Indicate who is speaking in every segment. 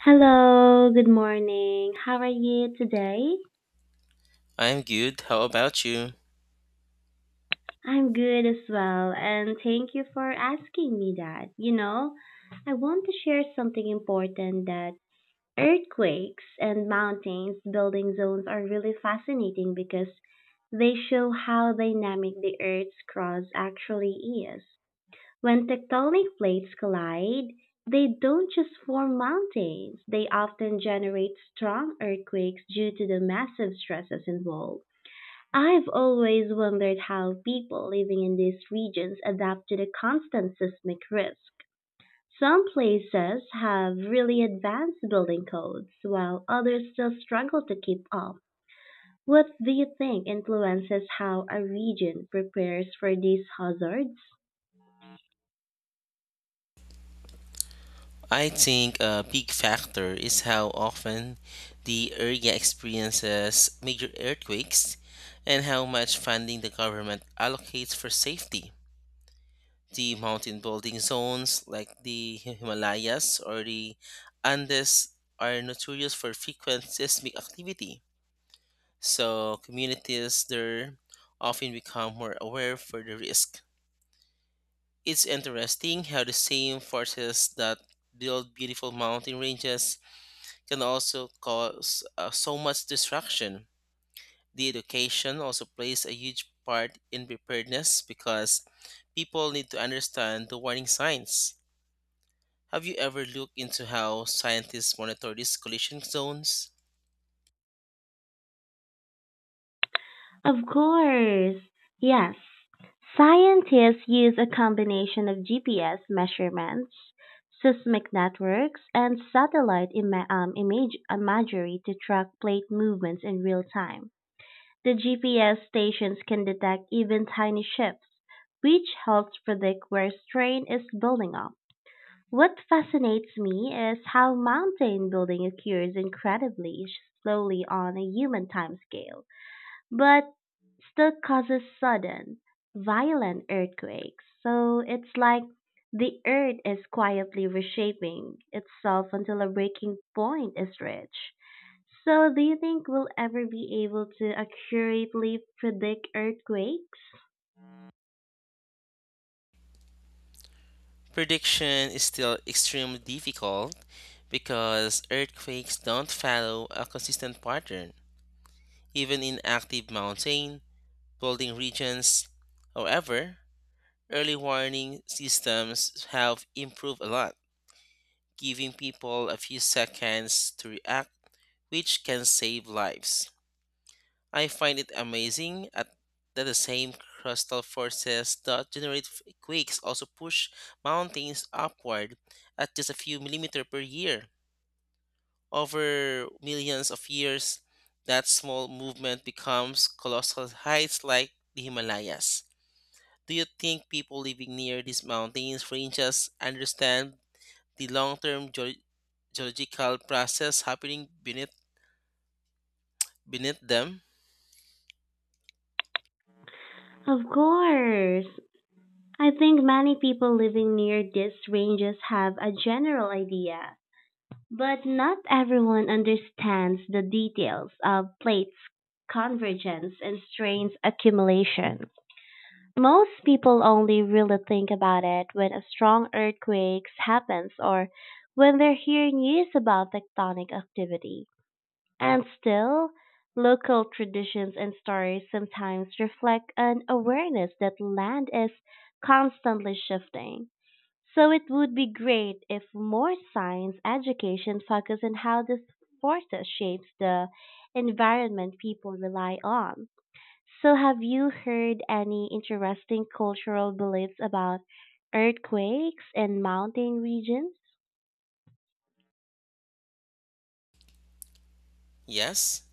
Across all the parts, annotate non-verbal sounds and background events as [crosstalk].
Speaker 1: Hello, good morning. How are you today?
Speaker 2: I'm good. How about you?
Speaker 1: I'm good as well, and thank you for asking me that. I want to share something important, that earthquakes and mountains building zones are really fascinating because they show how dynamic the Earth's crust actually is. When tectonic plates collide, they don't just form mountains, they often generate strong earthquakes due to the massive stresses involved. I've always wondered how people living in these regions adapt to the constant seismic risk. Some places have really advanced building codes, while others still struggle to keep up. What do you think influences how a region prepares for these hazards?
Speaker 2: I think a big factor is how often the area experiences major earthquakes and how much funding the government allocates for safety. The mountain building zones like the Himalayas or the Andes are notorious for frequent seismic activity. So communities there often become more aware for the risk. It's interesting how the same forces that build beautiful mountain ranges can also cause so much destruction. The education also plays a huge part in preparedness because people need to understand the warning signs. Have you ever looked into how scientists monitor these collision zones?
Speaker 1: Of course. Yes. Scientists use a combination of GPS measurements, seismic networks, and satellite imagery to track plate movements in real time. The GPS stations can detect even tiny shifts, which helps predict where strain is building up. What fascinates me is how mountain building occurs incredibly slowly on a human timescale. But still causes sudden, violent earthquakes. So it's like the earth is quietly reshaping itself until a breaking point is reached. So do you think we'll ever be able to accurately predict earthquakes?
Speaker 2: Prediction is still extremely difficult because earthquakes don't follow a consistent pattern. Even in active mountain flooding regions. However, early warning systems have improved a lot, giving people a few seconds to react, which can save lives. I find it amazing at that the same crustal forces that generate quakes also push mountains upward at just a few millimeter per year. Over millions of years, that small movement becomes colossal heights like the Himalayas. Do you think people living near these mountains ranges understand the long-term geological process happening beneath them?
Speaker 1: Of course. I think many people living near these ranges have a general idea, but not everyone understands the details of plates convergence and strains accumulation. Most people only really think about it when a strong earthquake happens or when they're hearing news about tectonic activity. And still, local traditions and stories sometimes reflect an awareness that land is constantly shifting. So it would be great if more science education focused on how these forces shapes the environment people rely on. So have you heard any interesting cultural beliefs about earthquakes and mountain regions?
Speaker 2: Yes,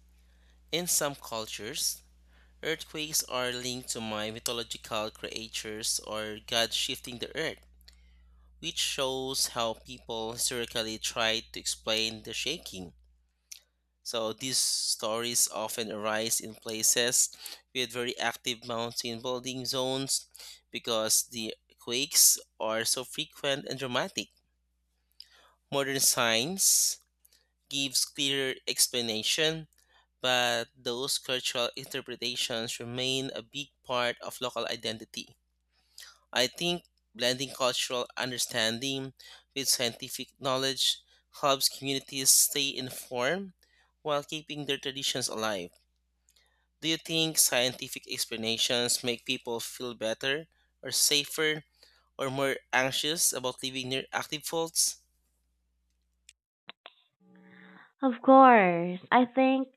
Speaker 2: in some cultures, earthquakes are linked to my mythological creatures or God shifting the earth, which shows how people historically tried to explain the shaking. So these stories often arise in places with very active mountain building zones because the quakes are so frequent and dramatic. Modern science gives clearer explanation, but those cultural interpretations remain a big part of local identity. I think blending cultural understanding with scientific knowledge helps communities stay informed while keeping their traditions alive. Do you think scientific explanations make people feel better, or safer, or more anxious about living near active faults?
Speaker 1: Of course. I think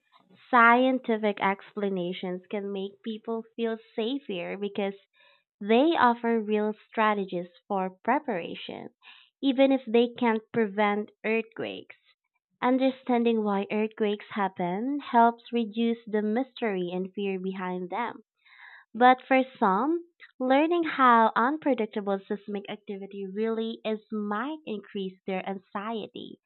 Speaker 1: scientific explanations can make people feel safer because they offer real strategies for preparation, even if they can't prevent earthquakes. Understanding why earthquakes happen helps reduce the mystery and fear behind them. But for some, learning how unpredictable seismic activity really is might increase their anxiety.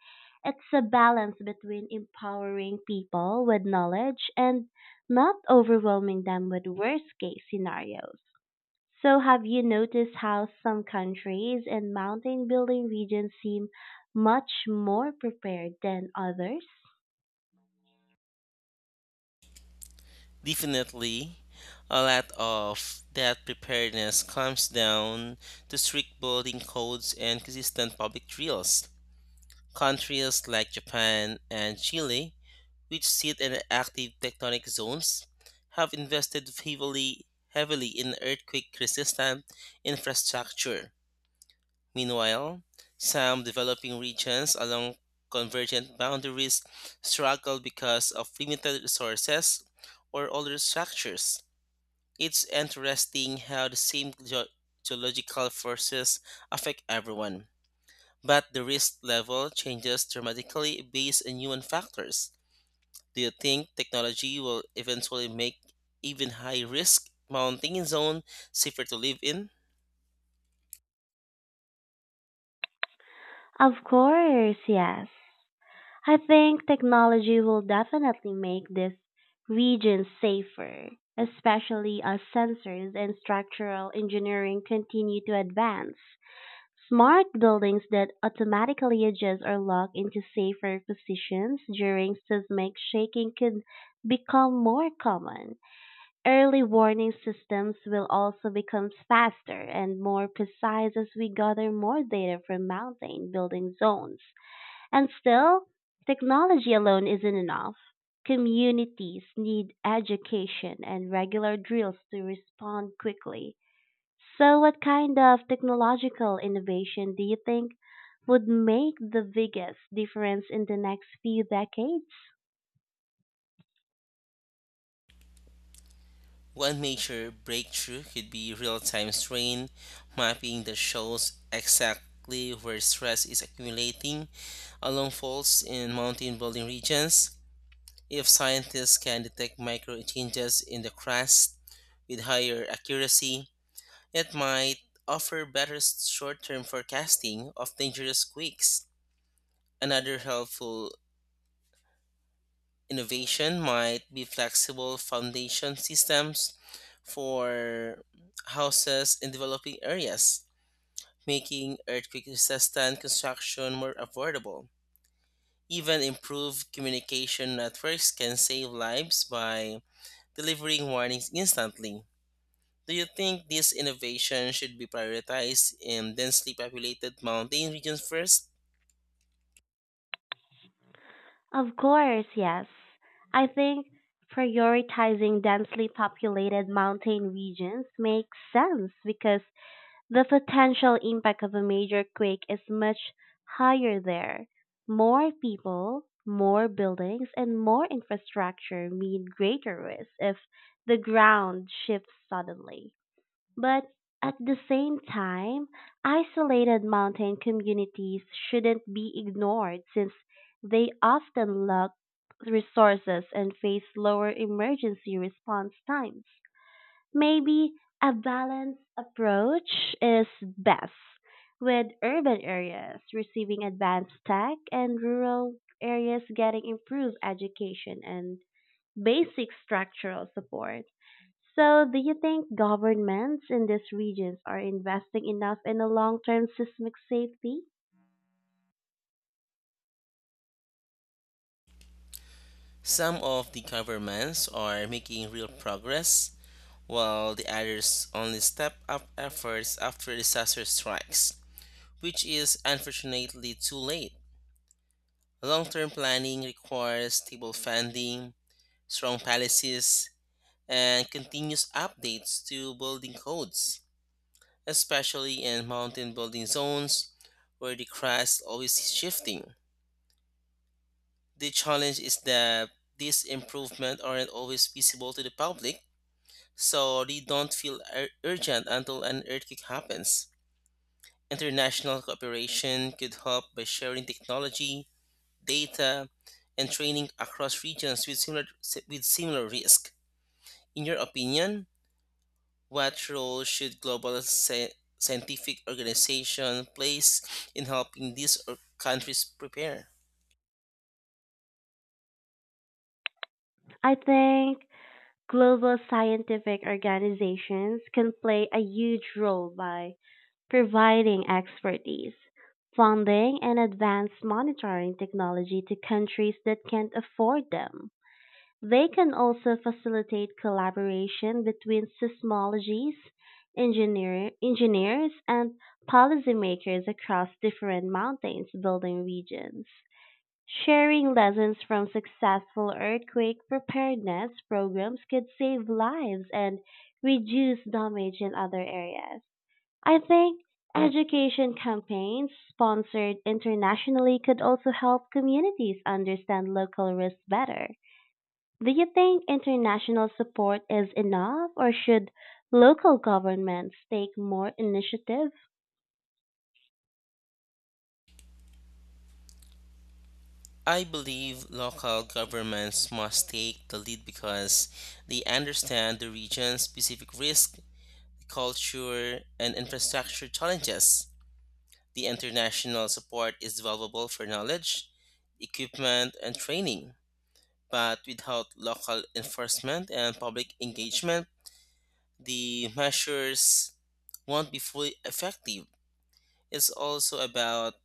Speaker 1: It's a balance between empowering people with knowledge and not overwhelming them with worst case scenarios. So, have you noticed how some countries and mountain building regions seem much more prepared than others?
Speaker 2: Definitely. A lot of that preparedness comes down to strict building codes and consistent public drills. Countries like Japan and Chile, which sit in active tectonic zones, have invested heavily in earthquake resistant infrastructure. Meanwhile, some developing regions along convergent boundaries struggle because of limited resources or older structures. It's interesting how the same geological forces affect everyone, but the risk level changes dramatically based on human factors. Do you think technology will eventually make even high risk mountain zone safer to live in?
Speaker 1: Of course, yes. I think technology will definitely make this region safer, especially as sensors and structural engineering continue to advance. Smart buildings that automatically adjust or lock into safer positions during seismic shaking could become more common. Early warning systems will also become faster and more precise as we gather more data from mountain building zones. And still, technology alone isn't enough. Communities need education and regular drills to respond quickly. So, what kind of technological innovation do you think would make the biggest difference in the next few decades?
Speaker 2: One major breakthrough could be real time strain mapping that shows exactly where stress is accumulating along faults in mountain building regions. If scientists can detect micro changes in the crust with higher accuracy, it might offer better short term forecasting of dangerous quakes. Another helpful innovation might be flexible foundation systems for houses in developing areas, making earthquake resistant construction more affordable. Even improved communication networks can save lives by delivering warnings instantly. Do you think this innovation should be prioritized in densely populated mountain regions first?
Speaker 1: Of course, yes. I think prioritizing densely populated mountain regions makes sense because the potential impact of a major quake is much higher there. More people, more buildings, and more infrastructure mean greater risk if the ground shifts suddenly. But at the same time, isolated mountain communities shouldn't be ignored since they often lack resources and face lower emergency response times. Maybe a balanced approach is best, with urban areas receiving advanced tech and rural areas getting improved education and basic structural support. So, do you think governments in these regions are investing enough in the long term seismic safety?
Speaker 2: Some of the governments are making real progress, while the others only step up efforts after disaster strikes, which is unfortunately too late. Long term planning requires stable funding, strong policies, and continuous updates to building codes, especially in mountain building zones where the crust always is shifting. The challenge is that these improvements aren't always visible to the public so they don't feel urgent until an earthquake happens. International cooperation could help by sharing technology, data, and training across regions with similar risk. In your opinion, what role should global scientific organization plays in helping these countries prepare?
Speaker 1: I think global scientific organizations can play a huge role by providing expertise, funding, and advanced monitoring technology to countries that can't afford them. They can also facilitate collaboration between seismologists, engineers, and policymakers across different mountains building regions. Sharing lessons from successful earthquake preparedness programs could save lives and reduce damage in other areas. I think education campaigns sponsored internationally could also help communities understand local risks better. Do you think international support is enough or should local governments take more initiative?
Speaker 2: I believe local governments must take the lead because they understand the region's specific risk culture, and infrastructure challenges. The international support is valuable for knowledge, equipment, and training, but without local enforcement and public engagement, the measures won't be fully effective. It's also about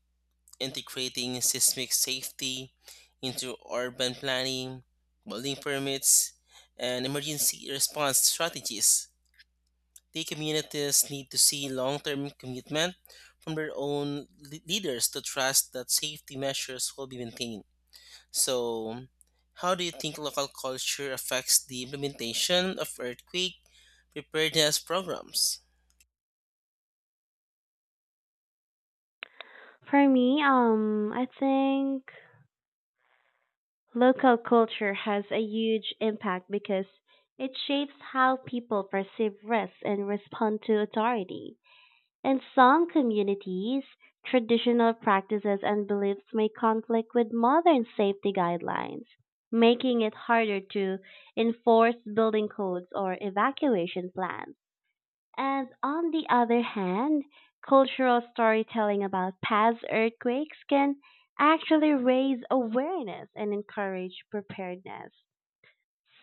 Speaker 2: integrating seismic safety into urban planning, building permits, and emergency response strategies. The communities need to see long term commitment from their own leaders to trust that safety measures will be maintained. So, how do you think local culture affects the implementation of earthquake preparedness programs?
Speaker 1: For me, I think local culture has a huge impact because it shapes how people perceive risks and respond to authority. In some communities, traditional practices and beliefs may conflict with modern safety guidelines, making it harder to enforce building codes or evacuation plans. And on the other hand, cultural storytelling about past earthquakes can actually raise awareness and encourage preparedness.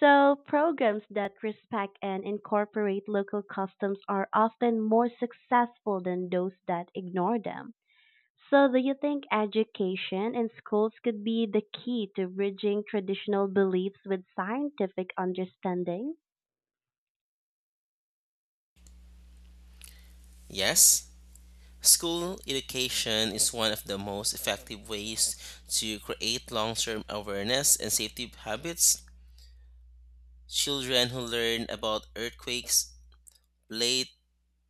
Speaker 1: So, programs that respect and incorporate local customs are often more successful than those that ignore them. So, do you think education in schools could be the key to bridging traditional beliefs with scientific understanding?
Speaker 2: Yes, school education is one of the most effective ways to create long term awareness and safety habits. Children who learn about earthquakes late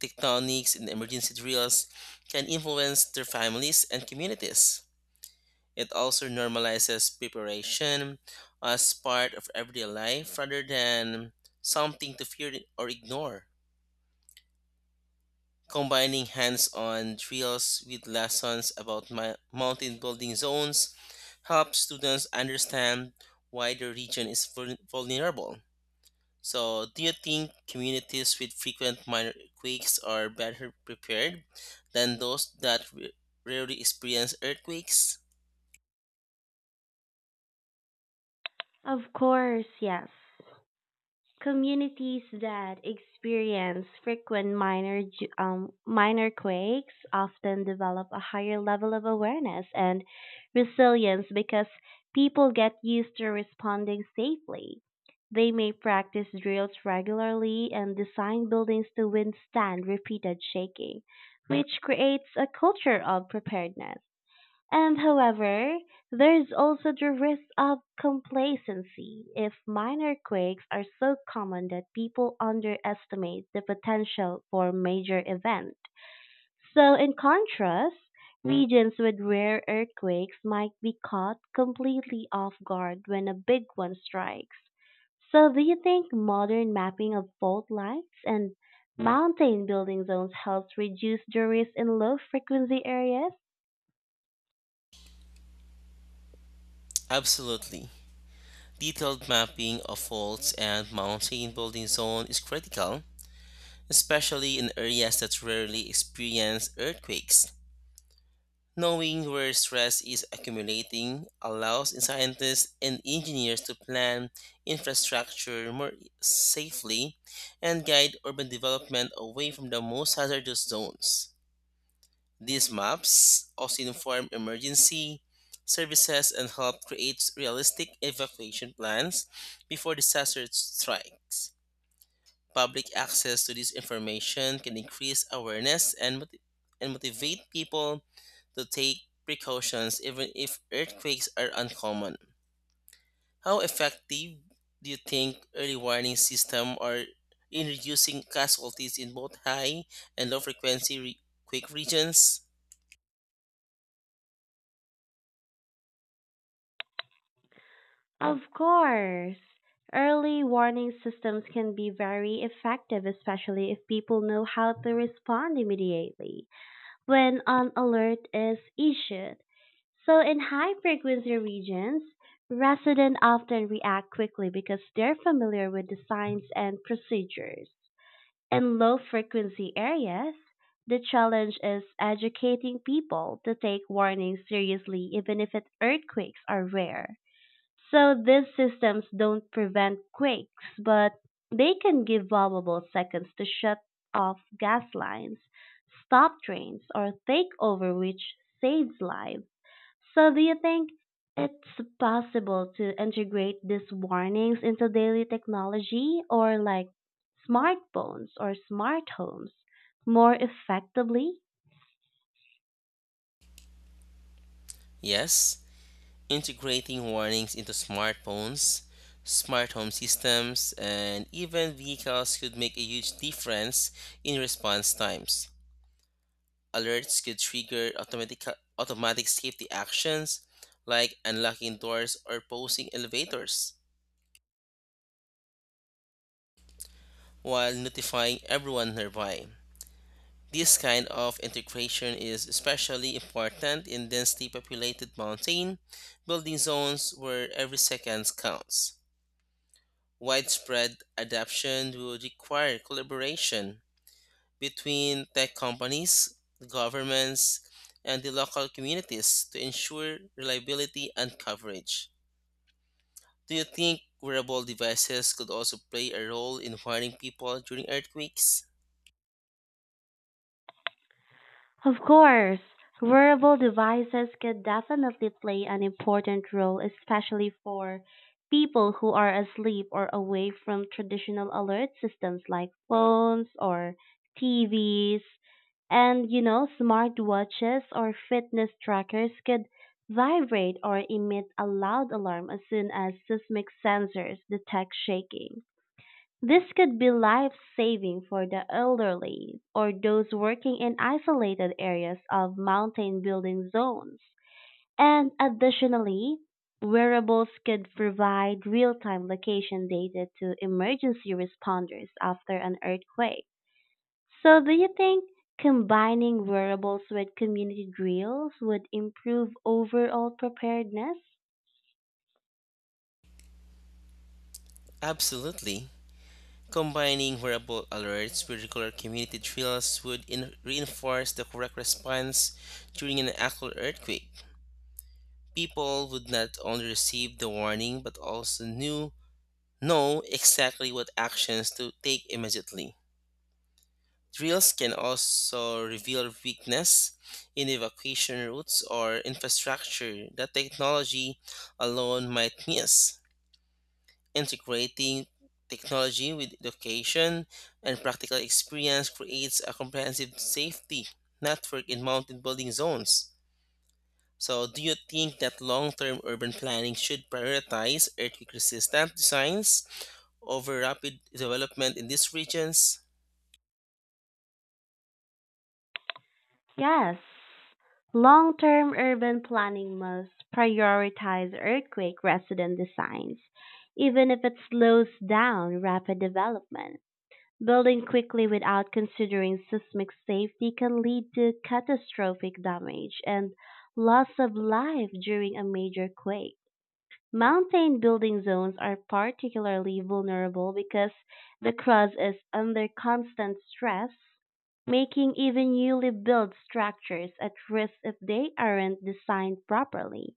Speaker 2: tectonics and emergency drills can influence their families and communities. It also normalizes preparation as part of everyday life rather than something to fear or ignore. Combining hands on drills with lessons about mountain building zones helps students understand why the region is vulnerable. So, do you think communities with frequent minor quakes are better prepared than those that rarely experience earthquakes?
Speaker 1: Of course, yes. Communities that experience frequent minor quakes often develop a higher level of awareness and resilience because people get used to responding safely. They may practice drills regularly and design buildings to withstand repeated shaking, which creates a culture of preparedness. And however, there is also the risk of complacency if minor quakes are so common that people underestimate the potential for major event. So in contrast, regions with rare earthquakes might be caught completely off guard when a big one strikes. So do you think modern mapping of fault lines and mountain building zones helps reduce the risk in low frequency areas?
Speaker 2: Absolutely. Detailed mapping of faults and mountain building zone is critical, especially in areas that rarely experience earthquakes. Knowing where stress is accumulating allows scientists and engineers to plan infrastructure more safely and guide urban development away from the most hazardous zones. These maps also inform emergency services and help create realistic evacuation plans before disaster strikes. Public access to this information can increase awareness and motivate people to take precautions even if earthquakes are uncommon. How effective do you think early warning systems are in reducing casualties in both high and low frequency quake regions?
Speaker 1: Of course. Early warning systems can be very effective, especially if people know how to respond immediately when an alert is issued. So, in high frequency regions, residents often react quickly because they're familiar with the signs and procedures. In low frequency areas, the challenge is educating people to take warnings seriously, even if earthquakes are rare. So these systems don't prevent quakes, but they can give vulnerable seconds to shut off gas lines, stop trains, or take over, which saves lives. So do you think it's possible to integrate these warnings into daily technology or like smartphones or smart homes more effectively?
Speaker 2: Yes, integrating warnings into smartphones, smart home systems, and even vehicles could make a huge difference in response times. Alerts could trigger automatic safety actions like unlocking doors or posing elevators while notifying everyone nearby. This kind of integration is especially important in densely populated mountain building zones where every second counts. Widespread adoption will require collaboration between tech companies, governments, and the local communities to ensure reliability and coverage. Do you think wearable devices could also play a role in warning people during earthquakes?
Speaker 1: Of course, wearable devices can definitely play an important role, especially for people who are asleep or away from traditional alert systems like phones or TVs. Smartwatches or fitness trackers could vibrate or emit a loud alarm as soon as seismic sensors detect shaking. This could be life-saving for the elderly or those working in isolated areas of mountain building zones. And additionally, wearables could provide real-time location data to emergency responders after an earthquake. So, do you think combining wearables with community drills would improve overall preparedness?
Speaker 2: Absolutely. Combining wearable alerts with regular community drills would reinforce the correct response during an actual earthquake. People would not only receive the warning but also knew know exactly what actions to take immediately. Drills can also reveal weakness in evacuation routes or infrastructure that technology alone might miss. Integrating technology with education and practical experience creates a comprehensive safety network in mountain building zones. So, do you think that long term urban planning should prioritize earthquake resistant designs over rapid development in these regions?
Speaker 1: Yes, long-term urban planning must prioritize earthquake resident designs, even if it slows down rapid development. Building quickly without considering seismic safety can lead to catastrophic damage and loss of life during a major quake. Mountain building zones are particularly vulnerable because the crust is under constant stress, making even newly built structures at risk if they aren't designed properly.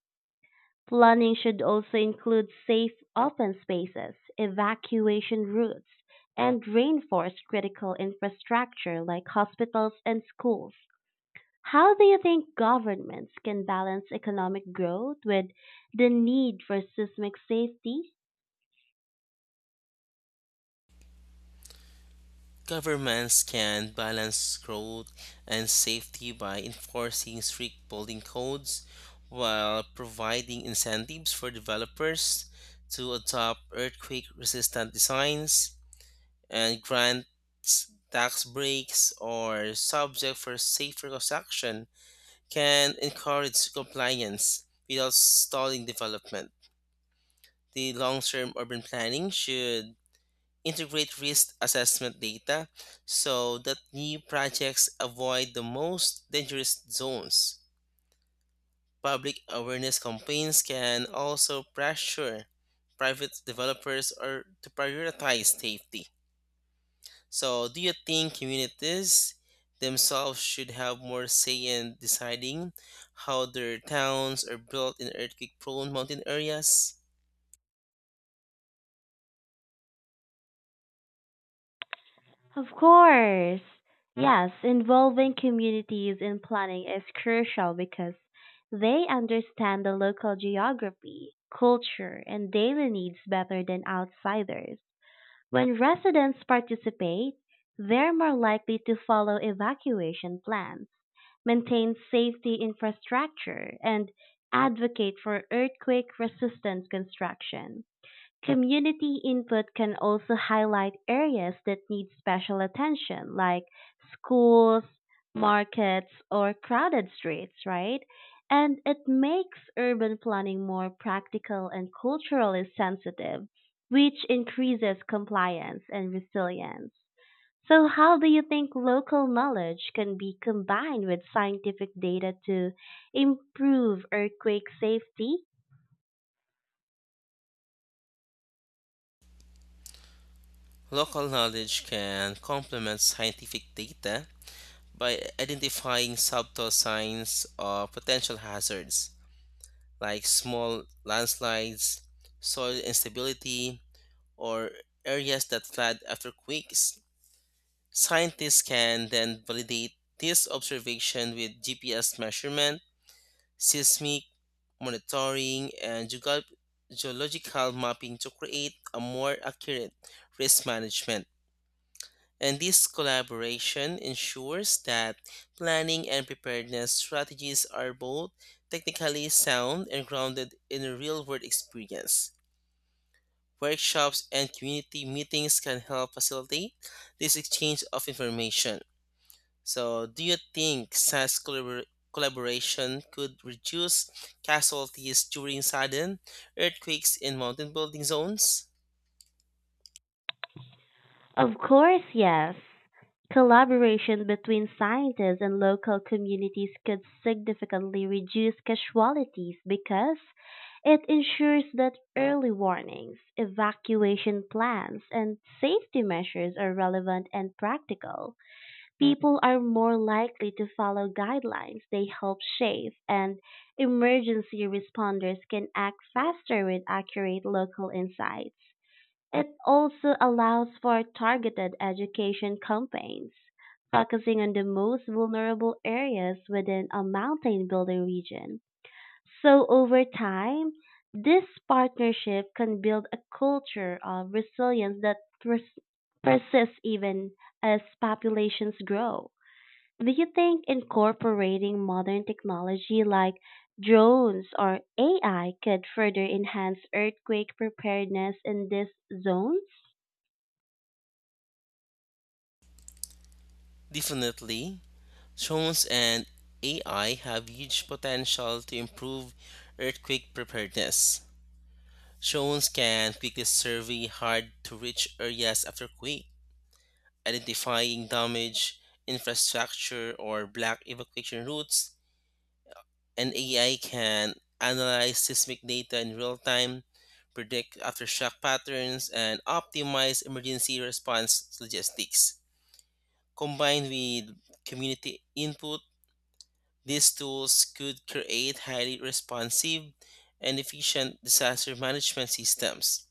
Speaker 1: Planning should also include safe open spaces, evacuation routes, and reinforce critical infrastructure like hospitals and schools. How do you think governments can balance economic growth with the need for seismic safety?
Speaker 2: Governments can balance growth and safety by enforcing strict building codes while providing incentives for developers to adopt earthquake resistant designs and grant tax breaks or subject for safer construction can encourage compliance without stalling development. The long term urban planning should integrate risk assessment data so that new projects avoid the most dangerous zones. Public awareness campaigns can also pressure private developers or to prioritize safety. So, do you think communities themselves should have more say in deciding how their towns are built in earthquake prone mountain areas?
Speaker 1: Of course. Mm. Yes, involving communities in planning is crucial because they understand the local geography, culture, and daily needs better than outsiders. When residents participate, they're more likely to follow evacuation plans, maintain safety infrastructure, and advocate for earthquake resistant construction. Community input can also highlight areas that need special attention, like schools, markets, or crowded streets, right? And it makes urban planning more practical and culturally sensitive, which increases compliance and resilience. So, how do you think local knowledge can be combined with scientific data to improve earthquake safety?
Speaker 2: Local knowledge can complement scientific data by identifying subtle signs of potential hazards like small landslides, soil instability, or areas that flood after quakes. Scientists can then validate this observation with GPS measurement, seismic monitoring, and geological mapping to create a more accurate risk management. And this collaboration ensures that planning and preparedness strategies are both technically sound and grounded in a real world experience. Workshops and community meetings can help facilitate this exchange of information. So, do you think such collaboration could reduce casualties during sudden earthquakes in mountain building zones?
Speaker 1: Of course, yes. Collaboration between scientists and local communities could significantly reduce casualties because it ensures that early warnings, evacuation plans, and safety measures are relevant and practical. People are more likely to follow guidelines they help shape, and emergency responders can act faster with accurate local insights. It also allows for targeted education campaigns, focusing on the most vulnerable areas within a mountain building region. So over time, this partnership can build a culture of resilience that persists even as populations grow. Do you think incorporating modern technology like drones or AI could further enhance earthquake preparedness in these zones?
Speaker 2: Definitely. Drones and AI have huge potential to improve earthquake preparedness. Drones can quickly survey hard to reach areas after quake, identifying damage, infrastructure, or black evacuation routes, and AI can analyze seismic data in real time, predict aftershock patterns, and optimize emergency response logistics. Combined with community input, these tools could create highly responsive and efficient disaster management systems.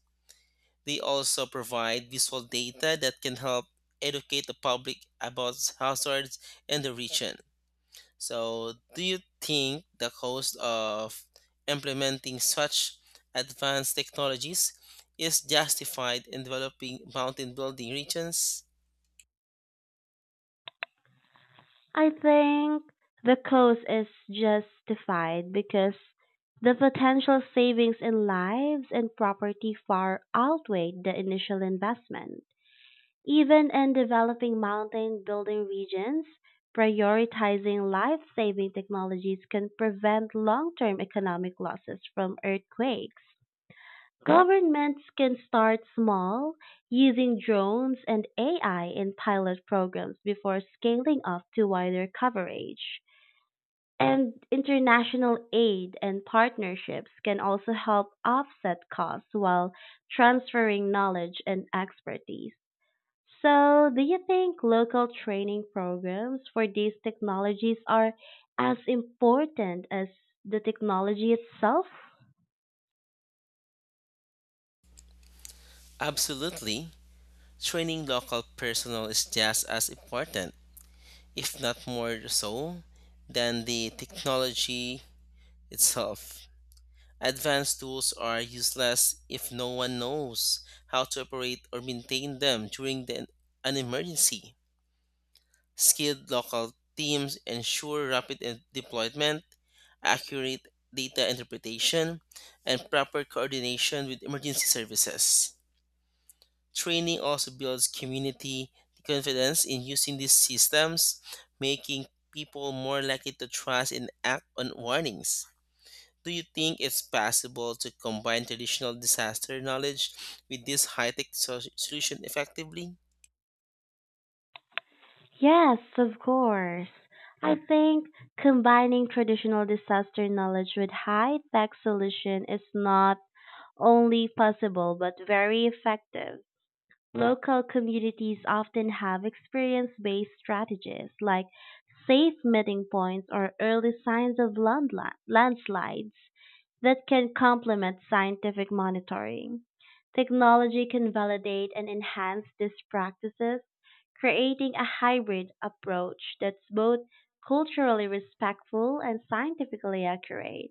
Speaker 2: They also provide visual data that can help educate the public about hazards in the region. So, do you think the cost of implementing such advanced technologies is justified in developing mountain building regions?
Speaker 1: I think the cost is justified because the potential savings in lives and property far outweigh the initial investment. Even in developing mountain building regions, prioritizing life saving technologies can prevent long term economic losses from earthquakes. Governments can start small, using drones and AI in pilot programs before scaling up to wider coverage. And international aid and partnerships can also help offset costs while transferring knowledge and expertise. So, do you think local training programs for these technologies are as important as the technology itself?
Speaker 2: Absolutely. Training local personnel is just as important if not more so, than the technology itself. Advanced tools are useless if no one knows how to operate or maintain them during an emergency. Skilled local teams ensure rapid deployment, accurate data interpretation, and proper coordination with emergency services. Training also builds community confidence in using these systems, making people more likely to trust and act on warnings. Do you think it's possible to combine traditional disaster knowledge with this high tech solution effectively?
Speaker 1: Yes, of course. I think combining traditional disaster knowledge with high tech solution is not only possible but very effective. Local communities often have experience-based strategies like safe meeting points or early signs of landslides that can complement scientific monitoring. Technology can validate and enhance these practices, creating a hybrid approach that's both culturally respectful and scientifically accurate.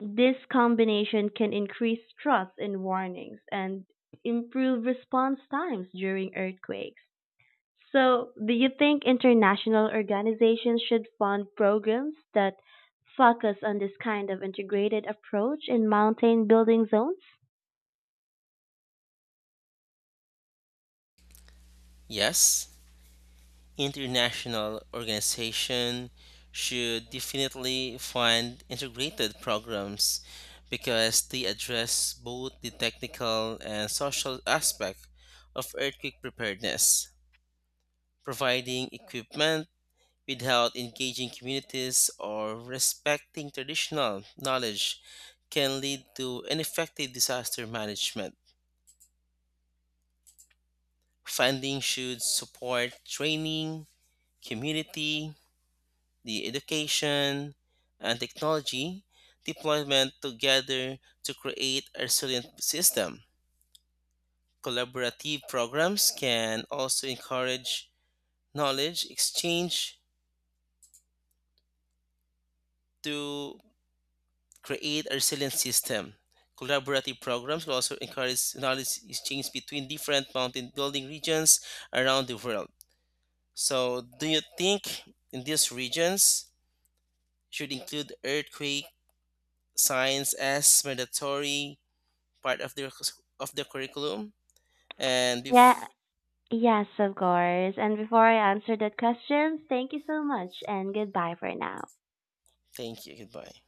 Speaker 1: This combination can increase trust in warnings and improve response times during earthquakes. So, do you think international organizations should fund programs that focus on this kind of integrated approach in mountain building zones?
Speaker 2: Yes. International organization should definitely fund integrated programs because they address both the technical and social aspect of earthquake preparedness, providing equipment without engaging communities or respecting traditional knowledge can lead to ineffective disaster management. Funding should support training, community the education, and technology deployment together to create a resilient system. Collaborative programs can also encourage knowledge exchange to create a resilient system. Collaborative programs will also encourage knowledge exchange between different mountain building regions around the world. So, do you think in these regions should include earthquake science as mandatory part of the [laughs] of the curriculum. And
Speaker 1: Yeah, Yes, of course. And before I answer that question, thank you so much and goodbye for now.
Speaker 2: thank you. Goodbye.